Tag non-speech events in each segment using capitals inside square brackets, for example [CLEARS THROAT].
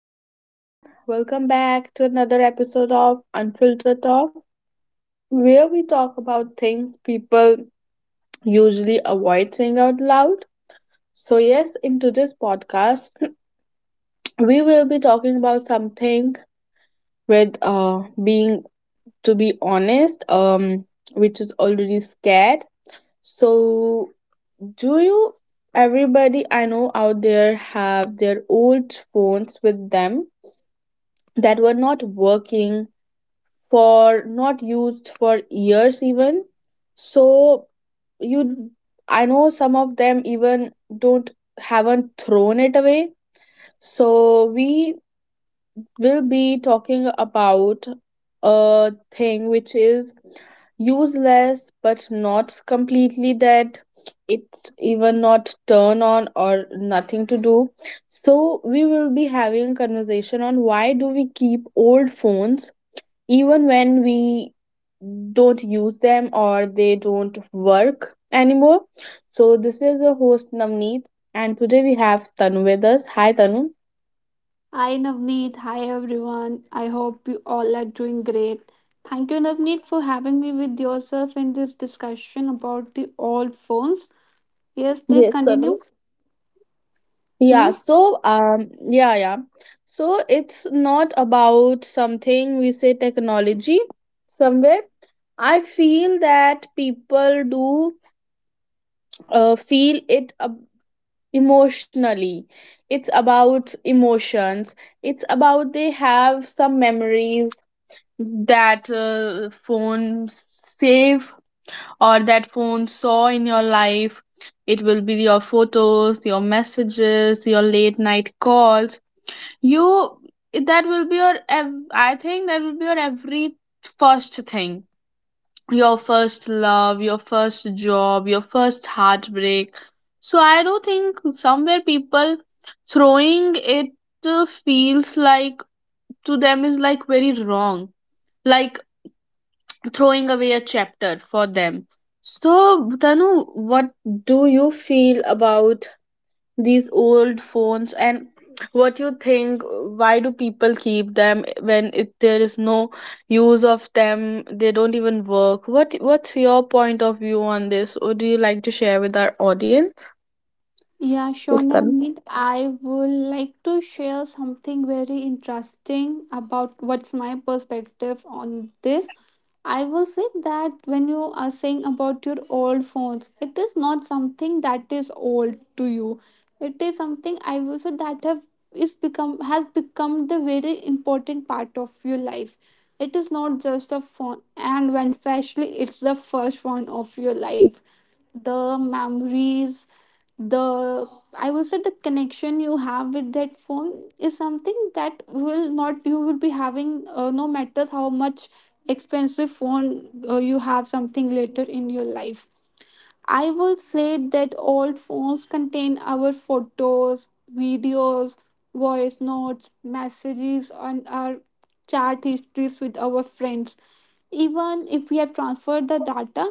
everyone. Welcome back to another episode of Unfiltered Talk, where we talk about things people usually avoid saying out loud. So, yes, in today's podcast, [CLEARS THROAT] we will be talking about something with being, to be honest, which is already scared. So, do you, everybody I know out there, have their old phones with them that were not working? For not used for years even. So you I know some of them even don't haven't thrown it away. So we will be talking about a thing which is useless but not completely dead. It's even not turn on or nothing to do. So we will be having a conversation on why do we keep old phones even when we don't use them or they don't work anymore. So this is your host Navneet, and today we have Tanu with us. Hi, Tanu. Hi Navneet, hi everyone. I hope you all are doing great. Thank you Navneet for having me with yourself in this discussion about the old phones. Yes, please Yes, Tanu. continue. Hmm? Yeah, so yeah, yeah. So it's not about something we say technology somewhere. I feel that people do feel it emotionally. It's about emotions, it's about they have some memories that phone save, or that phone saw in your life. It will be your photos, your messages, your late night calls. You That will be your I think that will be your every first thing, your first love, your first job, your first heartbreak. So I do think somewhere people throwing it feels like to them is like very wrong, like throwing away a chapter for them. So Tanu, what do you feel about these old phones, and what you think why do people keep them when there is no use of them, they don't even work. What's your point of view on this? Would you like to share with our audience? Yeah, sure, Yes, Tanu. Navneet. I would like to share something very interesting about what's my perspective on this. I will say that when you are saying about your old phones, it is not something that is old to you. It is something I will say that have is become has become the very important part of your life. It is not just a phone, and when especially it's the first one of your life, the memories, the I will say, the connection you have with that phone is something that will not you will be having, no matter how much expensive phone you have something later in your life. I will say that old phones contain our photos, videos, voice notes, messages, and our chat histories with our friends, even if we have transferred the data.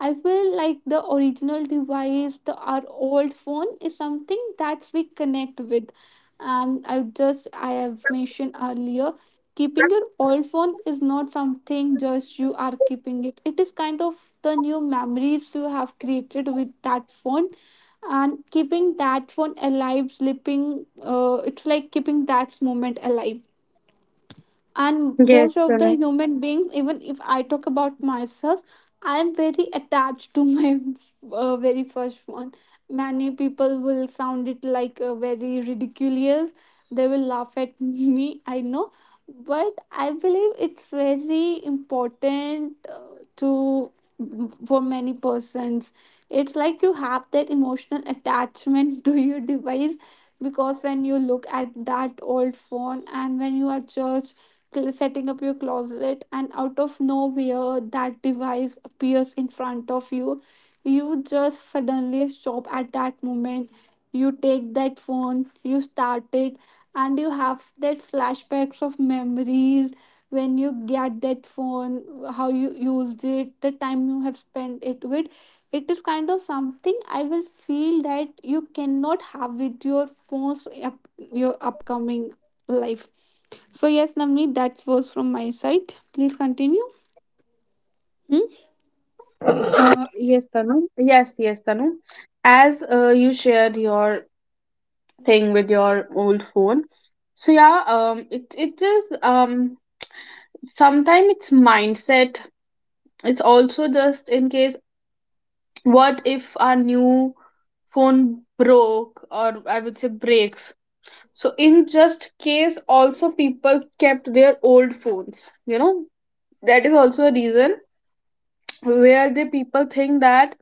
I feel like the original device, the our old phone, is something that we connect with. And I have mentioned earlier, keeping your old phone is not something just you are keeping it. It is kind of the new memories you have created with that phone, and keeping that phone alive, sleeping, it's like keeping that moment alive. And most of the human Yes, beings, Tanu. even if I talk about myself, I am very attached to [LAUGHS] my very first one. Many people will sound it like very ridiculous. They will laugh at [LAUGHS] me, I know, but I believe it's very important, to for many persons. It's like you have that emotional attachment [LAUGHS] to your device, because when you look at that old phone and when you are just setting up your closet and out of nowhere that device appears in front of you just suddenly stop at that moment. You take that phone, you start it, and you have that flashbacks of memories. When you get that phone, how you used it, the time you have spent it with, it is kind of something I will feel that you cannot have with your phones, your upcoming life. So yes, Namni, that was from my side. Please continue. Hmm? Yes, Tanu. Yes, yes, Tanu. As you shared your thing with your old phone, so yeah, it is sometimes it's mindset. It's also just in case. What if our new phone broke, or I would say breaks? So in just case also people kept their old phones. That is also a reason where the people think that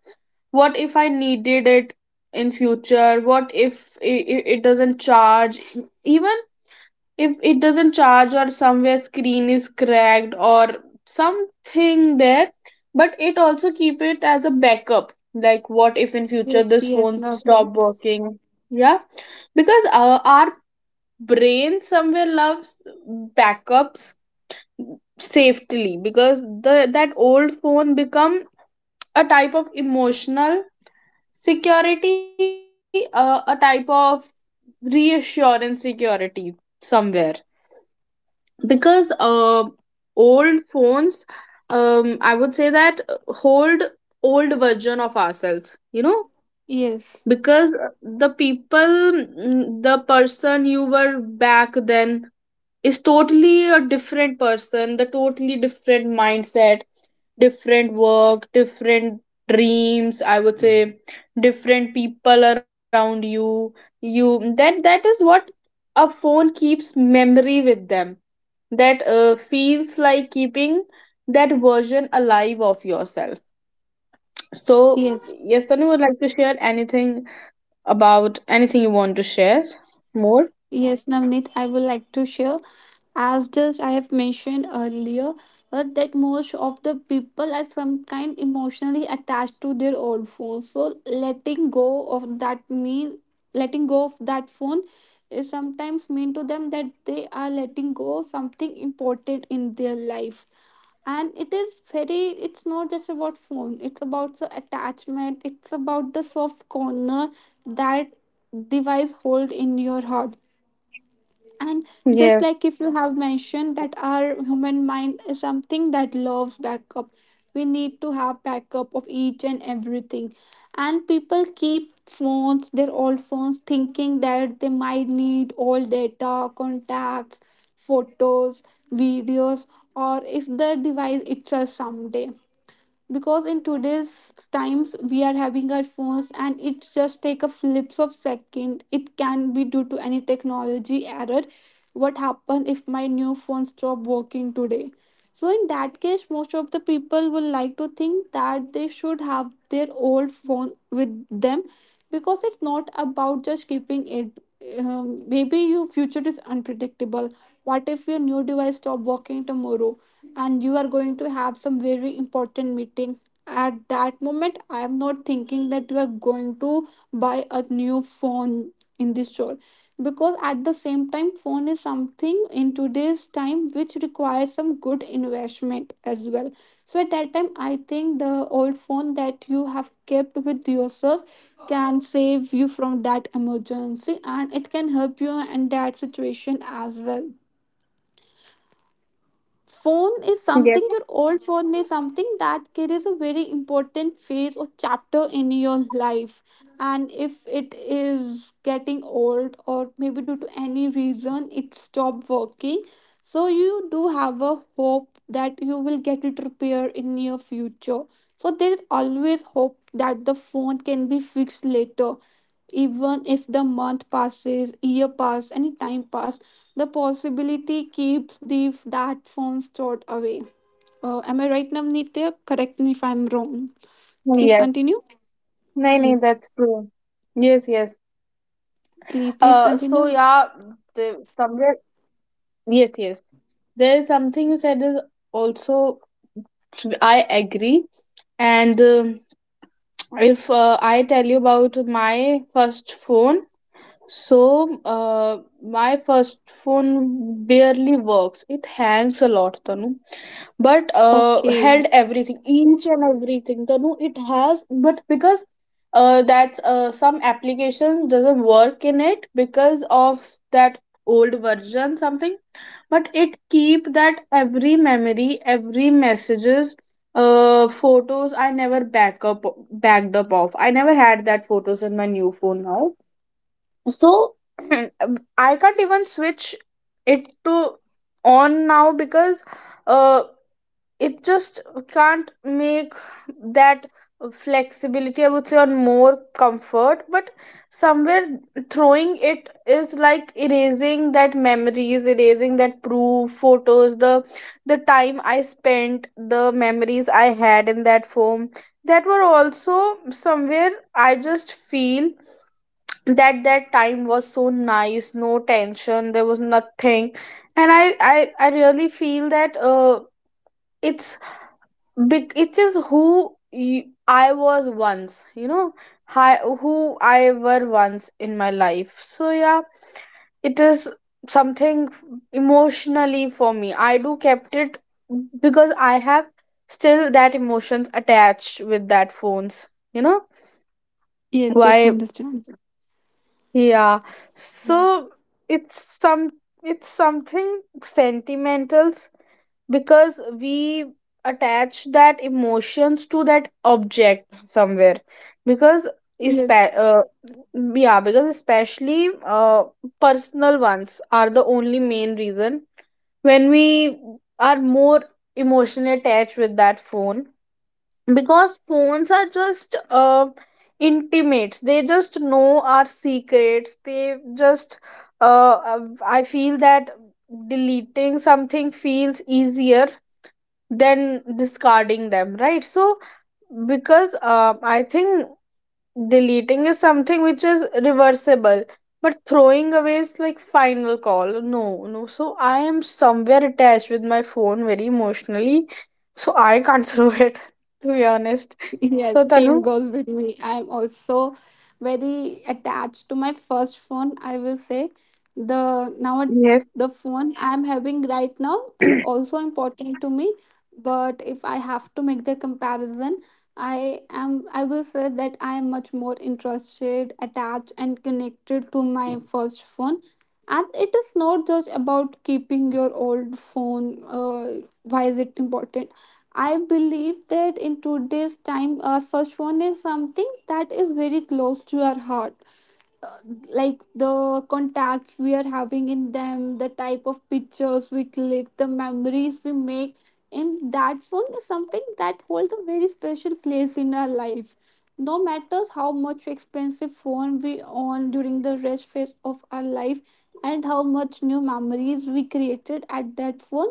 what if I needed it in future. What if it doesn't charge? Even if it doesn't charge or somewhere screen is cracked or something there, but it also keep it as a backup, like what if in future Yes, this yes, phone stop Navneet. working. Yeah, because our brain somewhere loves backups safely, because the that old phone become a type of emotional security, a type of reassurance security somewhere. Because old phones, I would say that hold old version of ourselves. Yes, Because the the person you were back then is totally a different person, the totally different mindset, different work, different dreams, I would say, different people around you. That is what a phone keeps memory with them. That feels like keeping that version alive of yourself. So yes, yes, Tanu, would like to share anything, about anything you want to share more. yes, Navneet, I would like to share, as just I have mentioned earlier, that most of the people are some kind emotionally attached to their old phone. So letting go of that mean, letting go of that phone, is sometimes mean to them that they are letting go something important in their life. And it is very it's not just about phone, it's about the attachment, it's about the soft corner that device hold in your heart. And just Yes, like if you have mentioned that our human mind is something that loves backup, we need to have backup of each and everything. And people keep phones their old phones, thinking that they might need all data, contacts, photos, videos, or if the device itself someday, because in today's times we are having our phones and it just take a flips of second, it can be due to any technology error. What happen if my new phone stop working today? So in that case most of the people will like to think that they should have their old phone with them, because it's not about just keeping it. Maybe your future is unpredictable. What if your new device stop working tomorrow and you are going to have some very important meeting? At that moment I am not thinking that you are going to buy a new phone in this store, because at the same time phone is something in today's time which requires some good investment as well. So at that time I think the old phone that you have kept with yourself can save you from that emergency, and it can help you in that situation as well. Phone is something, your old yes, phone is something that carries a very important phase or chapter in your life. And if it is getting old or maybe due to any reason it stopped working, so you do have a hope that you will get it repaired in your future. So there is always hope that the phone can be fixed later, even if the month passes, year pass, any time pass, the possibility keeps the that form stored away. Am I right, Namnitya? Correct me if I'm wrong. Please yes. continue. No, Hmm. no, that's true. Yes, yes. Please, please So continue. yeah, the somewhere. Yes, yes. There is something you said is also. I agree. And if I tell you about my first phone. So, my first phone barely works. It hangs a lot, Tanu. But Okay. held everything, each and everything, Tanu. It has, but because that's some applications doesn't work in it because of that old version something. But it keep that every memory, every messages, photos. I never backed up off. I never had that photos in my new phone now. So [CLEARS THROAT] I can't even switch it to on now, because uh it just can't make that flexibility, I would say, or more comfort. But somewhere throwing it is like erasing that memories, erasing that proof photos, the time I spent, the memories I had in that form, that were also somewhere. I just feel that that time was so nice, no tension, there was nothing. And I really feel that it's big, it is who I was once, hi, who I were once in my life. So yeah, it is something emotionally for me, I do kept it, because I have still that emotions attached with that phones. Yes, yes, I Why? understand. Yeah. Hmm. So it's some it's something sentimentals, because we attach that emotions to that object somewhere, because is Yes. Yeah, because especially personal ones are the only main reason when we are more emotionally attached with that phone. Because phones are just intimates, they just know our secrets, they just uh, uh, I feel that deleting something feels easier than discarding them, right? So because I think deleting is something which is reversible, but throwing away is like final call. No, no. So I am somewhere attached with my phone very emotionally, so I can't [LAUGHS] throw it, to be honest. Yes, So, same Tanu, goes with me. I'm also very attached to my first phone. I will say the now yes. the phone I'm having right now is also important to me. But if I have to make the comparison, I will say that I am much more interested, attached, and connected to my first phone. And it is not just about keeping your old phone. Why is it important? I believe that in today's time, first one is something that is very close to our heart. Like the contacts we are having in them, the type of pictures we click, the memories we make in that phone is something that holds a very special place in our life. No matters how much expensive phone we own during the rest phase of our life and how much new memories we created at that phone,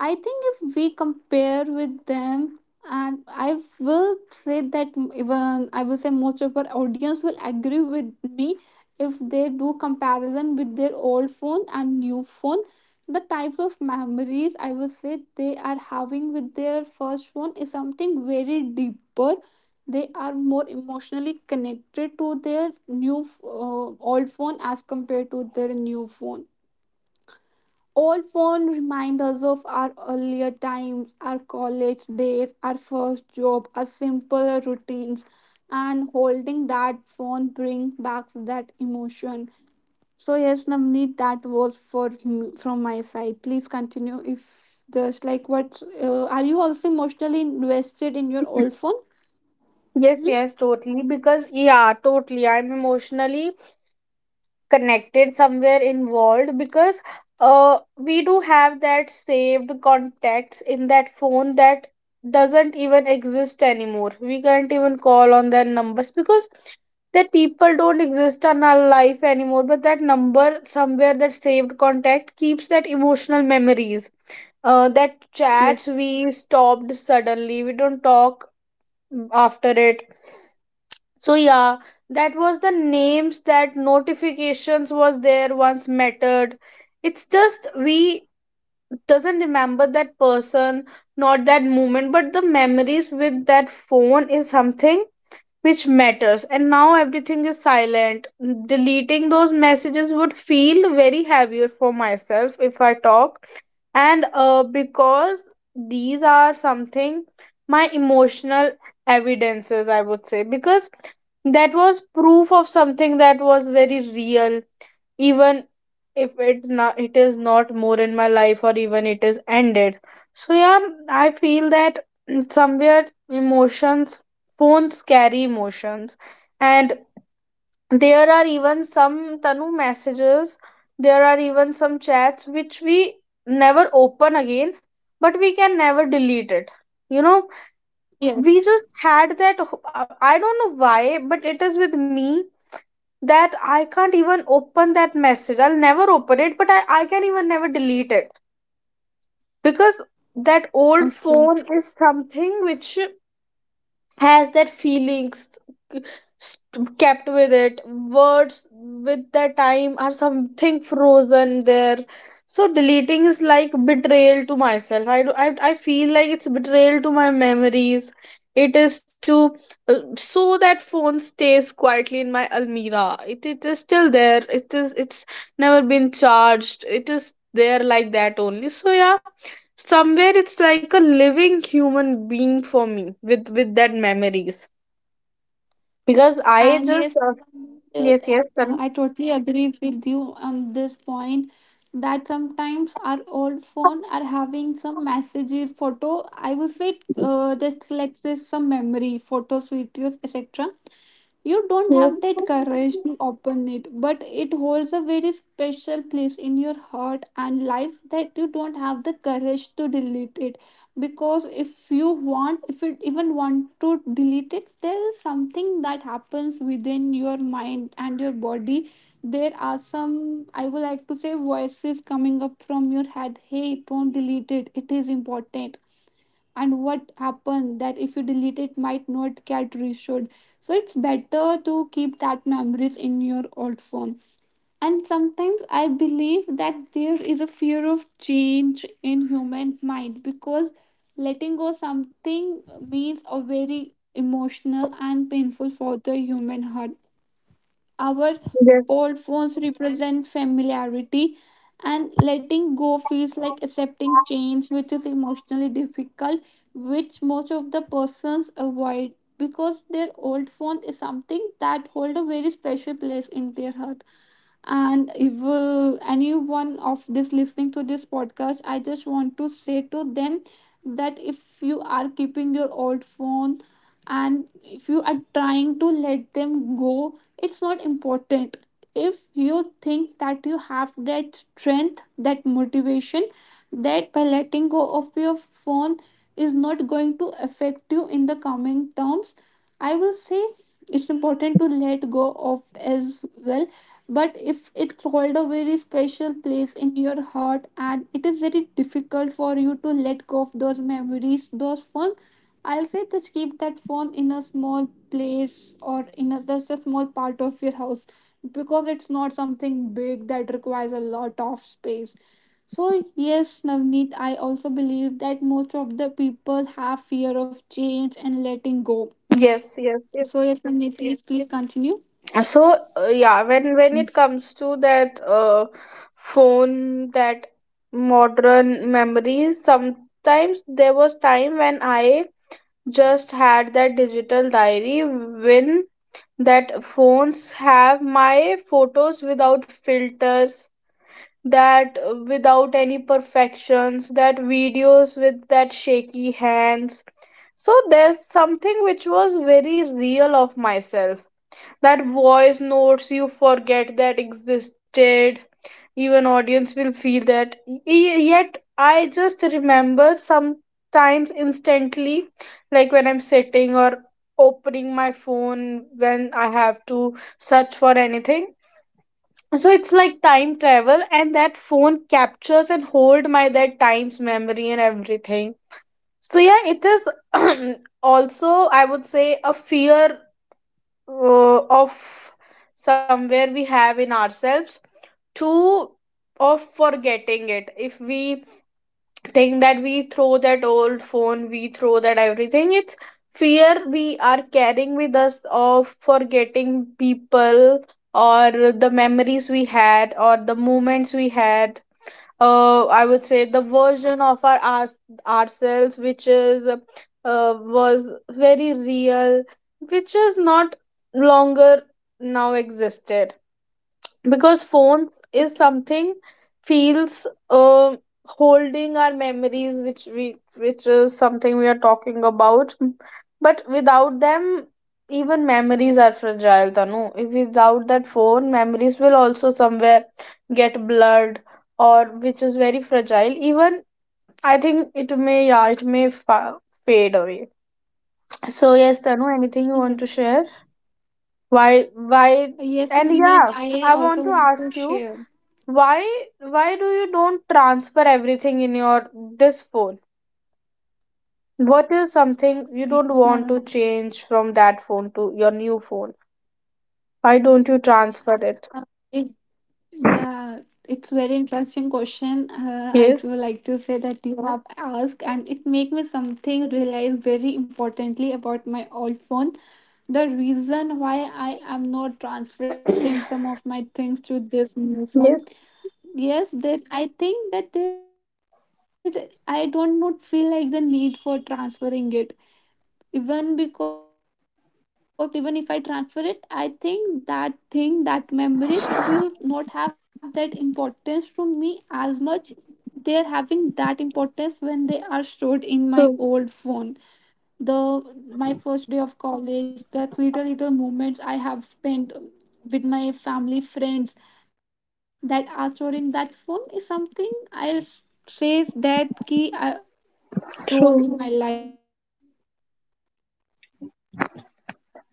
I think if we compare with them, and I will say that, even I will say, most of our audience will agree with me if they do comparison with their old phone and new phone. The types of memories, I will say, they are having with their first phone is something very deeper. They are more emotionally connected to their new, old phone as compared to their new phone, all fond reminders of our earlier times, our college days, our first job, our simpler routines, and holding that phone bring back that emotion. So yes, Navneet, that was for me, from my side. Please continue. If just like what are you also emotionally invested in your old [LAUGHS] phone? Yes, Hmm? yes, totally. Because, yeah, totally. I'm emotionally connected somewhere involved, because we do have that saved contacts in that phone that doesn't even exist anymore. We can't even call on their numbers because that people don't exist in our life anymore. But that number somewhere, that saved contact keeps that emotional memories. That Yes. chats we stopped suddenly, we don't talk after it. So yeah, that was the names, that notifications was there once mattered. It's just we doesn't remember that person, not that moment, but the memories with that phone is something which matters, and now everything is silent. Deleting those messages would feel very heavier for myself, if I talk. And because these are something my emotional evidences, I would say, because that was proof of something that was very real, even if it is not more in my life, or even it is ended. So yeah, I feel that somewhere emotions. Phones carry emotions, and there are even some Tanu messages, there are even some chats which we never open again, but we can never delete it. You know, we Yes. just had that. I don't know why, but it is with me that I can't even open that message. I'll never open it, but I can even never delete it, because that old Okay. phone is something which has that feelings, kept with it words with that time are something frozen there. So deleting is like betrayal to myself, I feel like it's betrayal to my memories, it is to. So that phone stays quietly in my almirah, it is still there, it's never been charged, it is there like that only. So yeah, somewhere it's like a living human being for me with that memories, because I And just yes, uh, yes, yes, I totally agree with you on this point that sometimes our old phone are having some messages, photo. I would say, just like say, some memory, photos, videos, etc. You don't have that courage to open it, but it holds a very special place in your heart and life that you don't have the courage to delete it. Because if you even want to delete it, there is something that happens within your mind and your body. There are some, I would like to say, voices coming up from your head. Hey, don't delete it. It is important, and what happened that if you delete it might not get restored. So it's better to keep that memories in your old phone. And sometimes I believe that there is a fear of change in human mind, because letting go something means a very emotional and painful for the human heart. Our yes, old phones represent familiarity, and letting go feels like accepting change, which is emotionally difficult, which most of the persons avoid because their old phone is something that hold a very special place in their heart. And if, anyone of this listening to this podcast, I just want to say to them that if you are keeping your old phone and if you are trying to let them go, it's not important. If you think that you have that strength, that motivation, that by letting go of your phone is not going to affect you in the coming terms, I will say it's important to let go of as well. But if it hold a very special place in your heart and it is very difficult for you to let go of those memories, those fun, I'll say just keep that phone in a small place, or in a that's a small part of your house, because it's not something big that requires a lot of space. So yes, Navneet, I also believe that most of the people have fear of change and letting go. yes, yes, yes. So yes, Navneet, please, please continue. So yeah, when it comes to that phone, that modern memories, sometimes there was time when I just had that digital diary, when that phones have my photos without filters, that without any perfections, that videos with that shaky hands. So there's something which was very real of myself, that voice notes you forget that existed, even audience will feel that yet I just remember sometimes instantly, like when I'm sitting or opening my phone when I have to search for anything. So it's like time travel, and that phone captures and hold my that time's memory and everything. So yeah, it is [CLEARS THROAT] also, I would say, a fear of somewhere we have in ourselves to of forgetting it, if we thing that we throw that old phone, we throw that everything. It's fear we are carrying with us of forgetting people, or the memories we had, or the moments we had. I would say the version of our us ourselves which is was very real, which is not longer now existed, because phones is Okay. something feels um holding our memories which is something we are talking about. But without them, even memories are fragile, Tanu. If without that phone, memories will also somewhere get blurred, or which is very fragile even. I think it may fade away. So yes, Tanu, anything you want Yes. to share? Why why? Yes, And yeah, Nate, I I want also to want to ask you, share. why why do you don't transfer everything in your this phone? What is something you don't Yes, want to ma'am. change from that phone to your new phone? Why don't you transfer it? Uh, it, yeah, it's very interesting question. I Yes. would like to say that you have asked, and it make me something realize very importantly about my old phone. The reason why I am not transferring some of my things to this new phone. Yes, Yes, that I think that I do not feel like the need for transferring it even because even if I transfer it, I think that thing, that memories will not have that importance to me as much, they are having that importance when they are stored in my old phone. The true, my first day of college, the little moments I have spent with my family friends that are stored in that phone is something say that key I will believe something plays a very true. important role in my life and my heart in my life.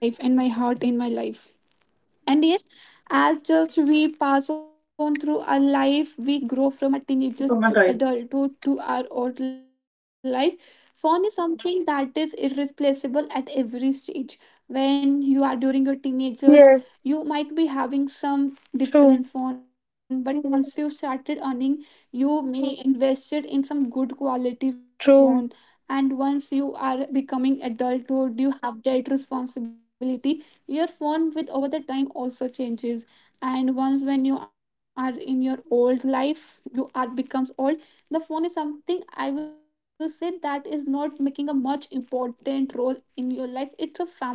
And yes, as adults, we pass on through our life. We grow from a teenager to adulthood to our old life. Phone is something that is irreplaceable at every stage. When you are during your teenagers, you might be having some Yes, different phone, but once you started true, earning, you may invested in some good quality phone. And once you are becoming true. adulthood, you have that responsibility, your phone with over the time also changes. And once when you are in your old life, you are becomes old, the phone is something I will say that is not making a much important role in your life. It's a families and connection.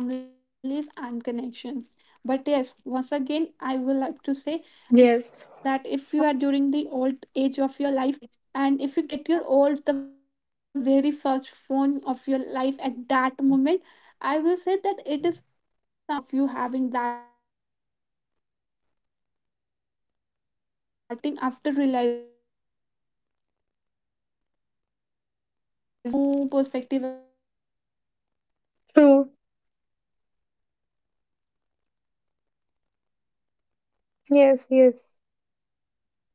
But yes, once again I will like to say that if you are during the old age Yes, of your life, and if you get your old the very first phone of your life at that moment, I will say that it is something that will make a new perspective of you having that phone. The kind of moments, memories you will be getting after realizing at that age is something that will make a very new perspective about your related to true. your dad phone. Do you agree with me, Navneet, on this? Hmm? Yes, yes.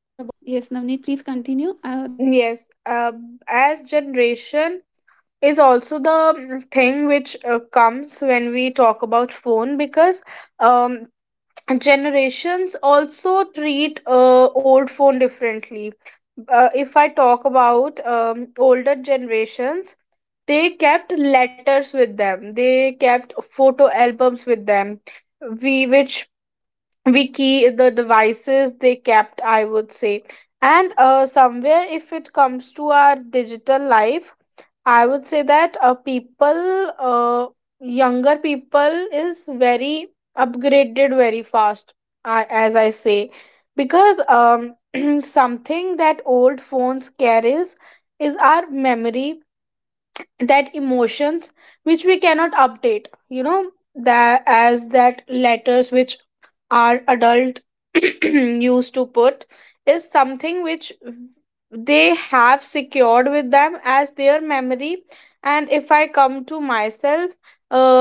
Yes, Navneet, please continue. That just Yes, I want to say that as over the time generation your is also the thing which comes when we talk about phone. Because um generations also treat old phone differently. If I talk about older generations, they kept letters with them, they kept photo albums with them. We which we key the devices they kept, I would say. And somewhere if it comes to our digital life, I would say that people, younger people, is very upgraded very fast, as I say, because [CLEARS THROAT] something that old phones carries is our memory, that emotions which we cannot update, that as that letters which our adult [CLEARS THROAT] used to yes, put Navneet, is yes. something which You are they totally right have here, secured with Navneet. them as their Am I memory. audible to you, And Navneet? if I come to myself,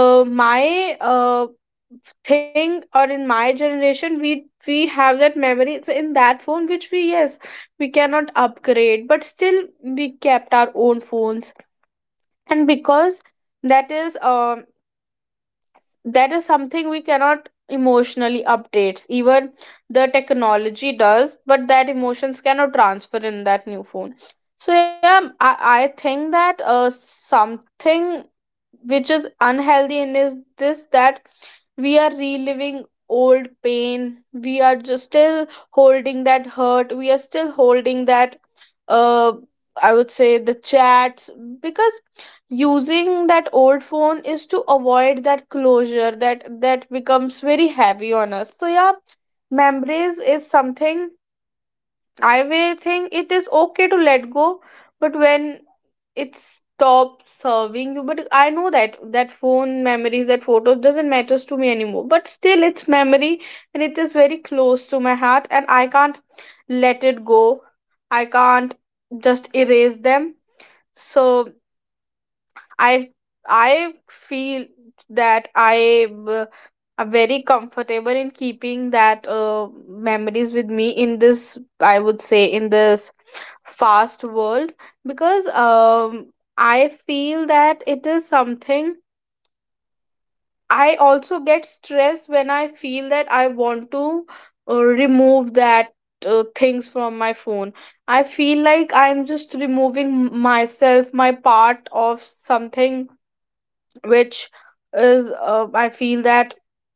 So yes, my Navneet, I was just saying thing that or in keeping your my old generation, phones is we something we that have makes that hold a memory. very It's in special that phone place which in we your yes heart. we And cannot letting go of to upgrade, but that still means that we you are kept letting our go of own a very phones. important part of your And life. because So that in is my um audience, if anyone is having their that is old something we phones, I cannot will say that emotionally you are updates keeping even something the very technology important does, but that stage or the emotions cannot part of transfer your in life. that new phone. And So over yeah, the I technology think is that aging faster than the something emotions, which is device unhealthy in become is this, absolutely that quickly. But we I are will say reliving that over old the time, pain, if you are we are changing your just phone still again and holding that again, hurt, we are the still kind of holding that, attachment you're going to have uh with your I first would phone say the is a chats, kind of because irreplaceable using the that old it phone doesn't is to matter how avoid many that phones closure, you are that going to that have becomes throughout your very life. heavy on us. So yeah, Our heart moves memories slower than is the something technology. I will And most think of it the is time okay to over let go, the just like but time has when passed, one it have become a stopped kind of a serving you. But social I know that influence that as phone memories, that photos doesn't normal. matters to me anymore, but Seeing still other it's keep memory people and it is keep their very old close to my phones, I heart and think I can't most of the people let have it go, normalizes that I behavior can't as well. just It erase feels them. common and So acceptable that it's not I important I that if feel any that company or I any uh, model, I would am say, is very launching comfortable their in new keeping phone that over the years, memories it's with not me in important you this, that you I have would to say get in purchased this new phone year fast every world. year. Because As in just in the beginning I of the feel podcast I that have it is mentioned something. that phone is like an investment I that also is get stressed remains when I with you, feel I that would I like to say, want 24 to into 7. remove It that is something that you things from my always phone. carries I with, no feel matter like I'm wherever just you go, be removing it a myself, my school, part of college, cafe. something It is something that you which carry, is, always carry I with feel that yourself.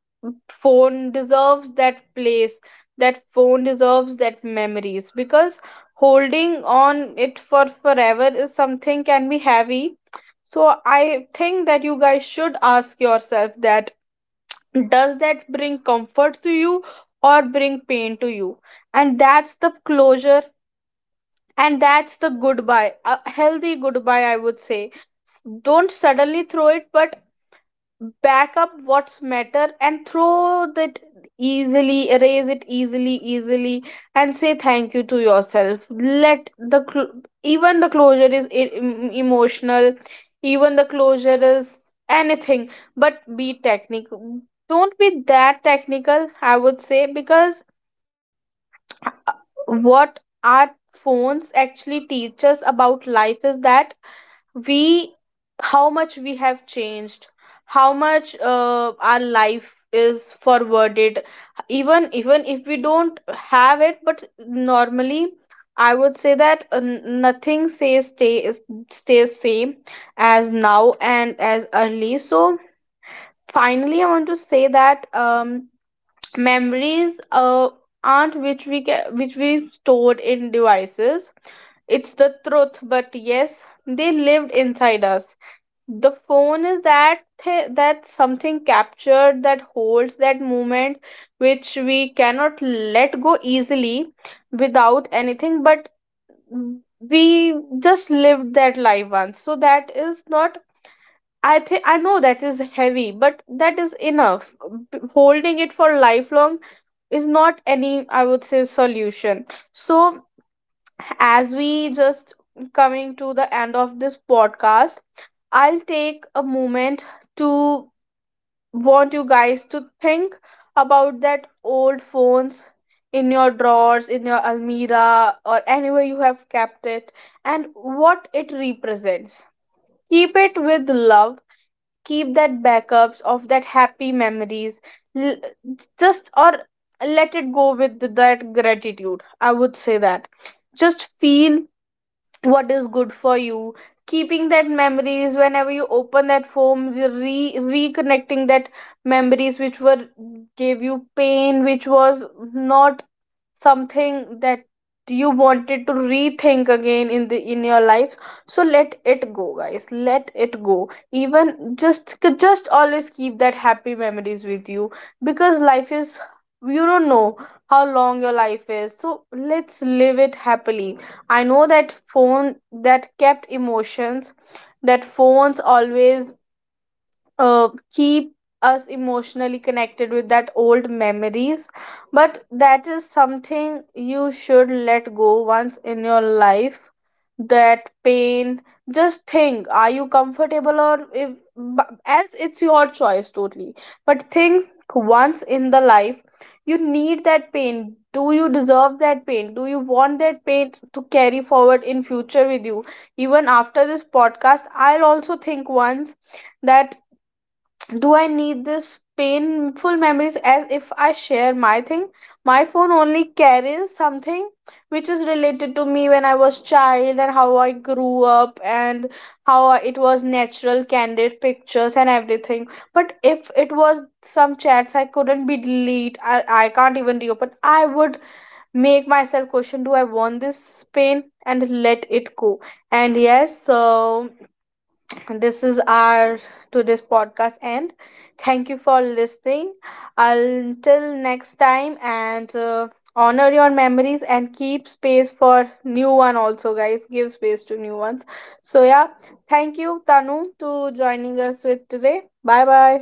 So phone deserves it's that not place, about that that that phone you should deserves keep your that old phone memories, always because together. holding on So it for yes, forever Navneet, is I something can was be just to heavy. say So that I as we think that come you to the guys end should of this ask yourself podcast, that, I will does always say that that bring your first comfort to phone will you be or always be bring pain to something you? that will And hold that's the a closure special place in your and that's heart the and in goodbye, a your healthy lives. goodbye I would So say. Yes, Don't suddenly throw it, with but coming era, back up I'm saying what's that matter coming and new phones throw will that, be there, easily but erase it the easily pride, easily, and the say kind thank of you to yourself. Let confidence you the are having with even your the closure first is mom is something emotional, that is even very the closure important is in your heart. anything but be And yes, technical. difficulty Don't be saying that goodbye to the technical past, I would letting say, go of because your old phone is about what accepting our that has phones moved actually on. teach us about Holding on life to the is that phone is like we holding on to the how much we have memories. changed, how much So yes, it's our very life important is that you forwarded should be having even your even that if we phone don't somewhere have important it. in But your normally life I would say is that very very important, nothing says Navneet. stay is- stays same as Hello? now and as early. So So yes, finally I Navneet, want to say that's that from my side. I would like to say memories aren't keeping which your old phone which is we stored something that in helps you to devices. retrieve those It's the truth, memories. but You yes can they have those lived memories inside us. again and The again in phone your is that life. That something captured that holds that moment, which we cannot let go easily without anything. But we just lived that life once, so that is not, I think, I know that is heavy but that is enough. Holding it for lifelong is not any, I would say, solution. So as we just coming to the end of this podcast, I'll take a moment to want you guys to think about that old phones in your drawers, in your almirah, or anywhere you have kept it, and what it represents. Keep it with love. Keep that backups of that happy memories. L- just or let it go with that gratitude, I would say that. Just feel what is good for you, keeping that memories whenever you open that form, reconnecting that memories which were gave you pain, which was not something that you wanted to rethink again in the in your life. So let it go guys, let it go, even just always keep that happy memories with you. Because life is, you don't know how long your life is, so let's live it happily. I know that phone that kept emotions, that phones always keep us emotionally connected with that old memories, but that is something you should let go once in your life, that pain. Just think, are you comfortable or if, as it's your choice totally, but think once in the life, you need that pain, do you deserve that pain, do you want that pain to carry forward in future with you? Even after this podcast I'll also think once that, do I need this painful memories? As if I share my thing? My phone only carries something which is related to me when I was child and how I grew up and it was natural, candid pictures and everything. But if it was some chats I couldn't be delete, I can't even reopen, I would make myself question, do I want this pain? And let it go. And yes, so this is our today's podcast end. Thank you for listening until next time. And honor your memories and keep space for new one also, guys, give space to new ones. So yeah, thank you tanu to joining us with today. Bye bye.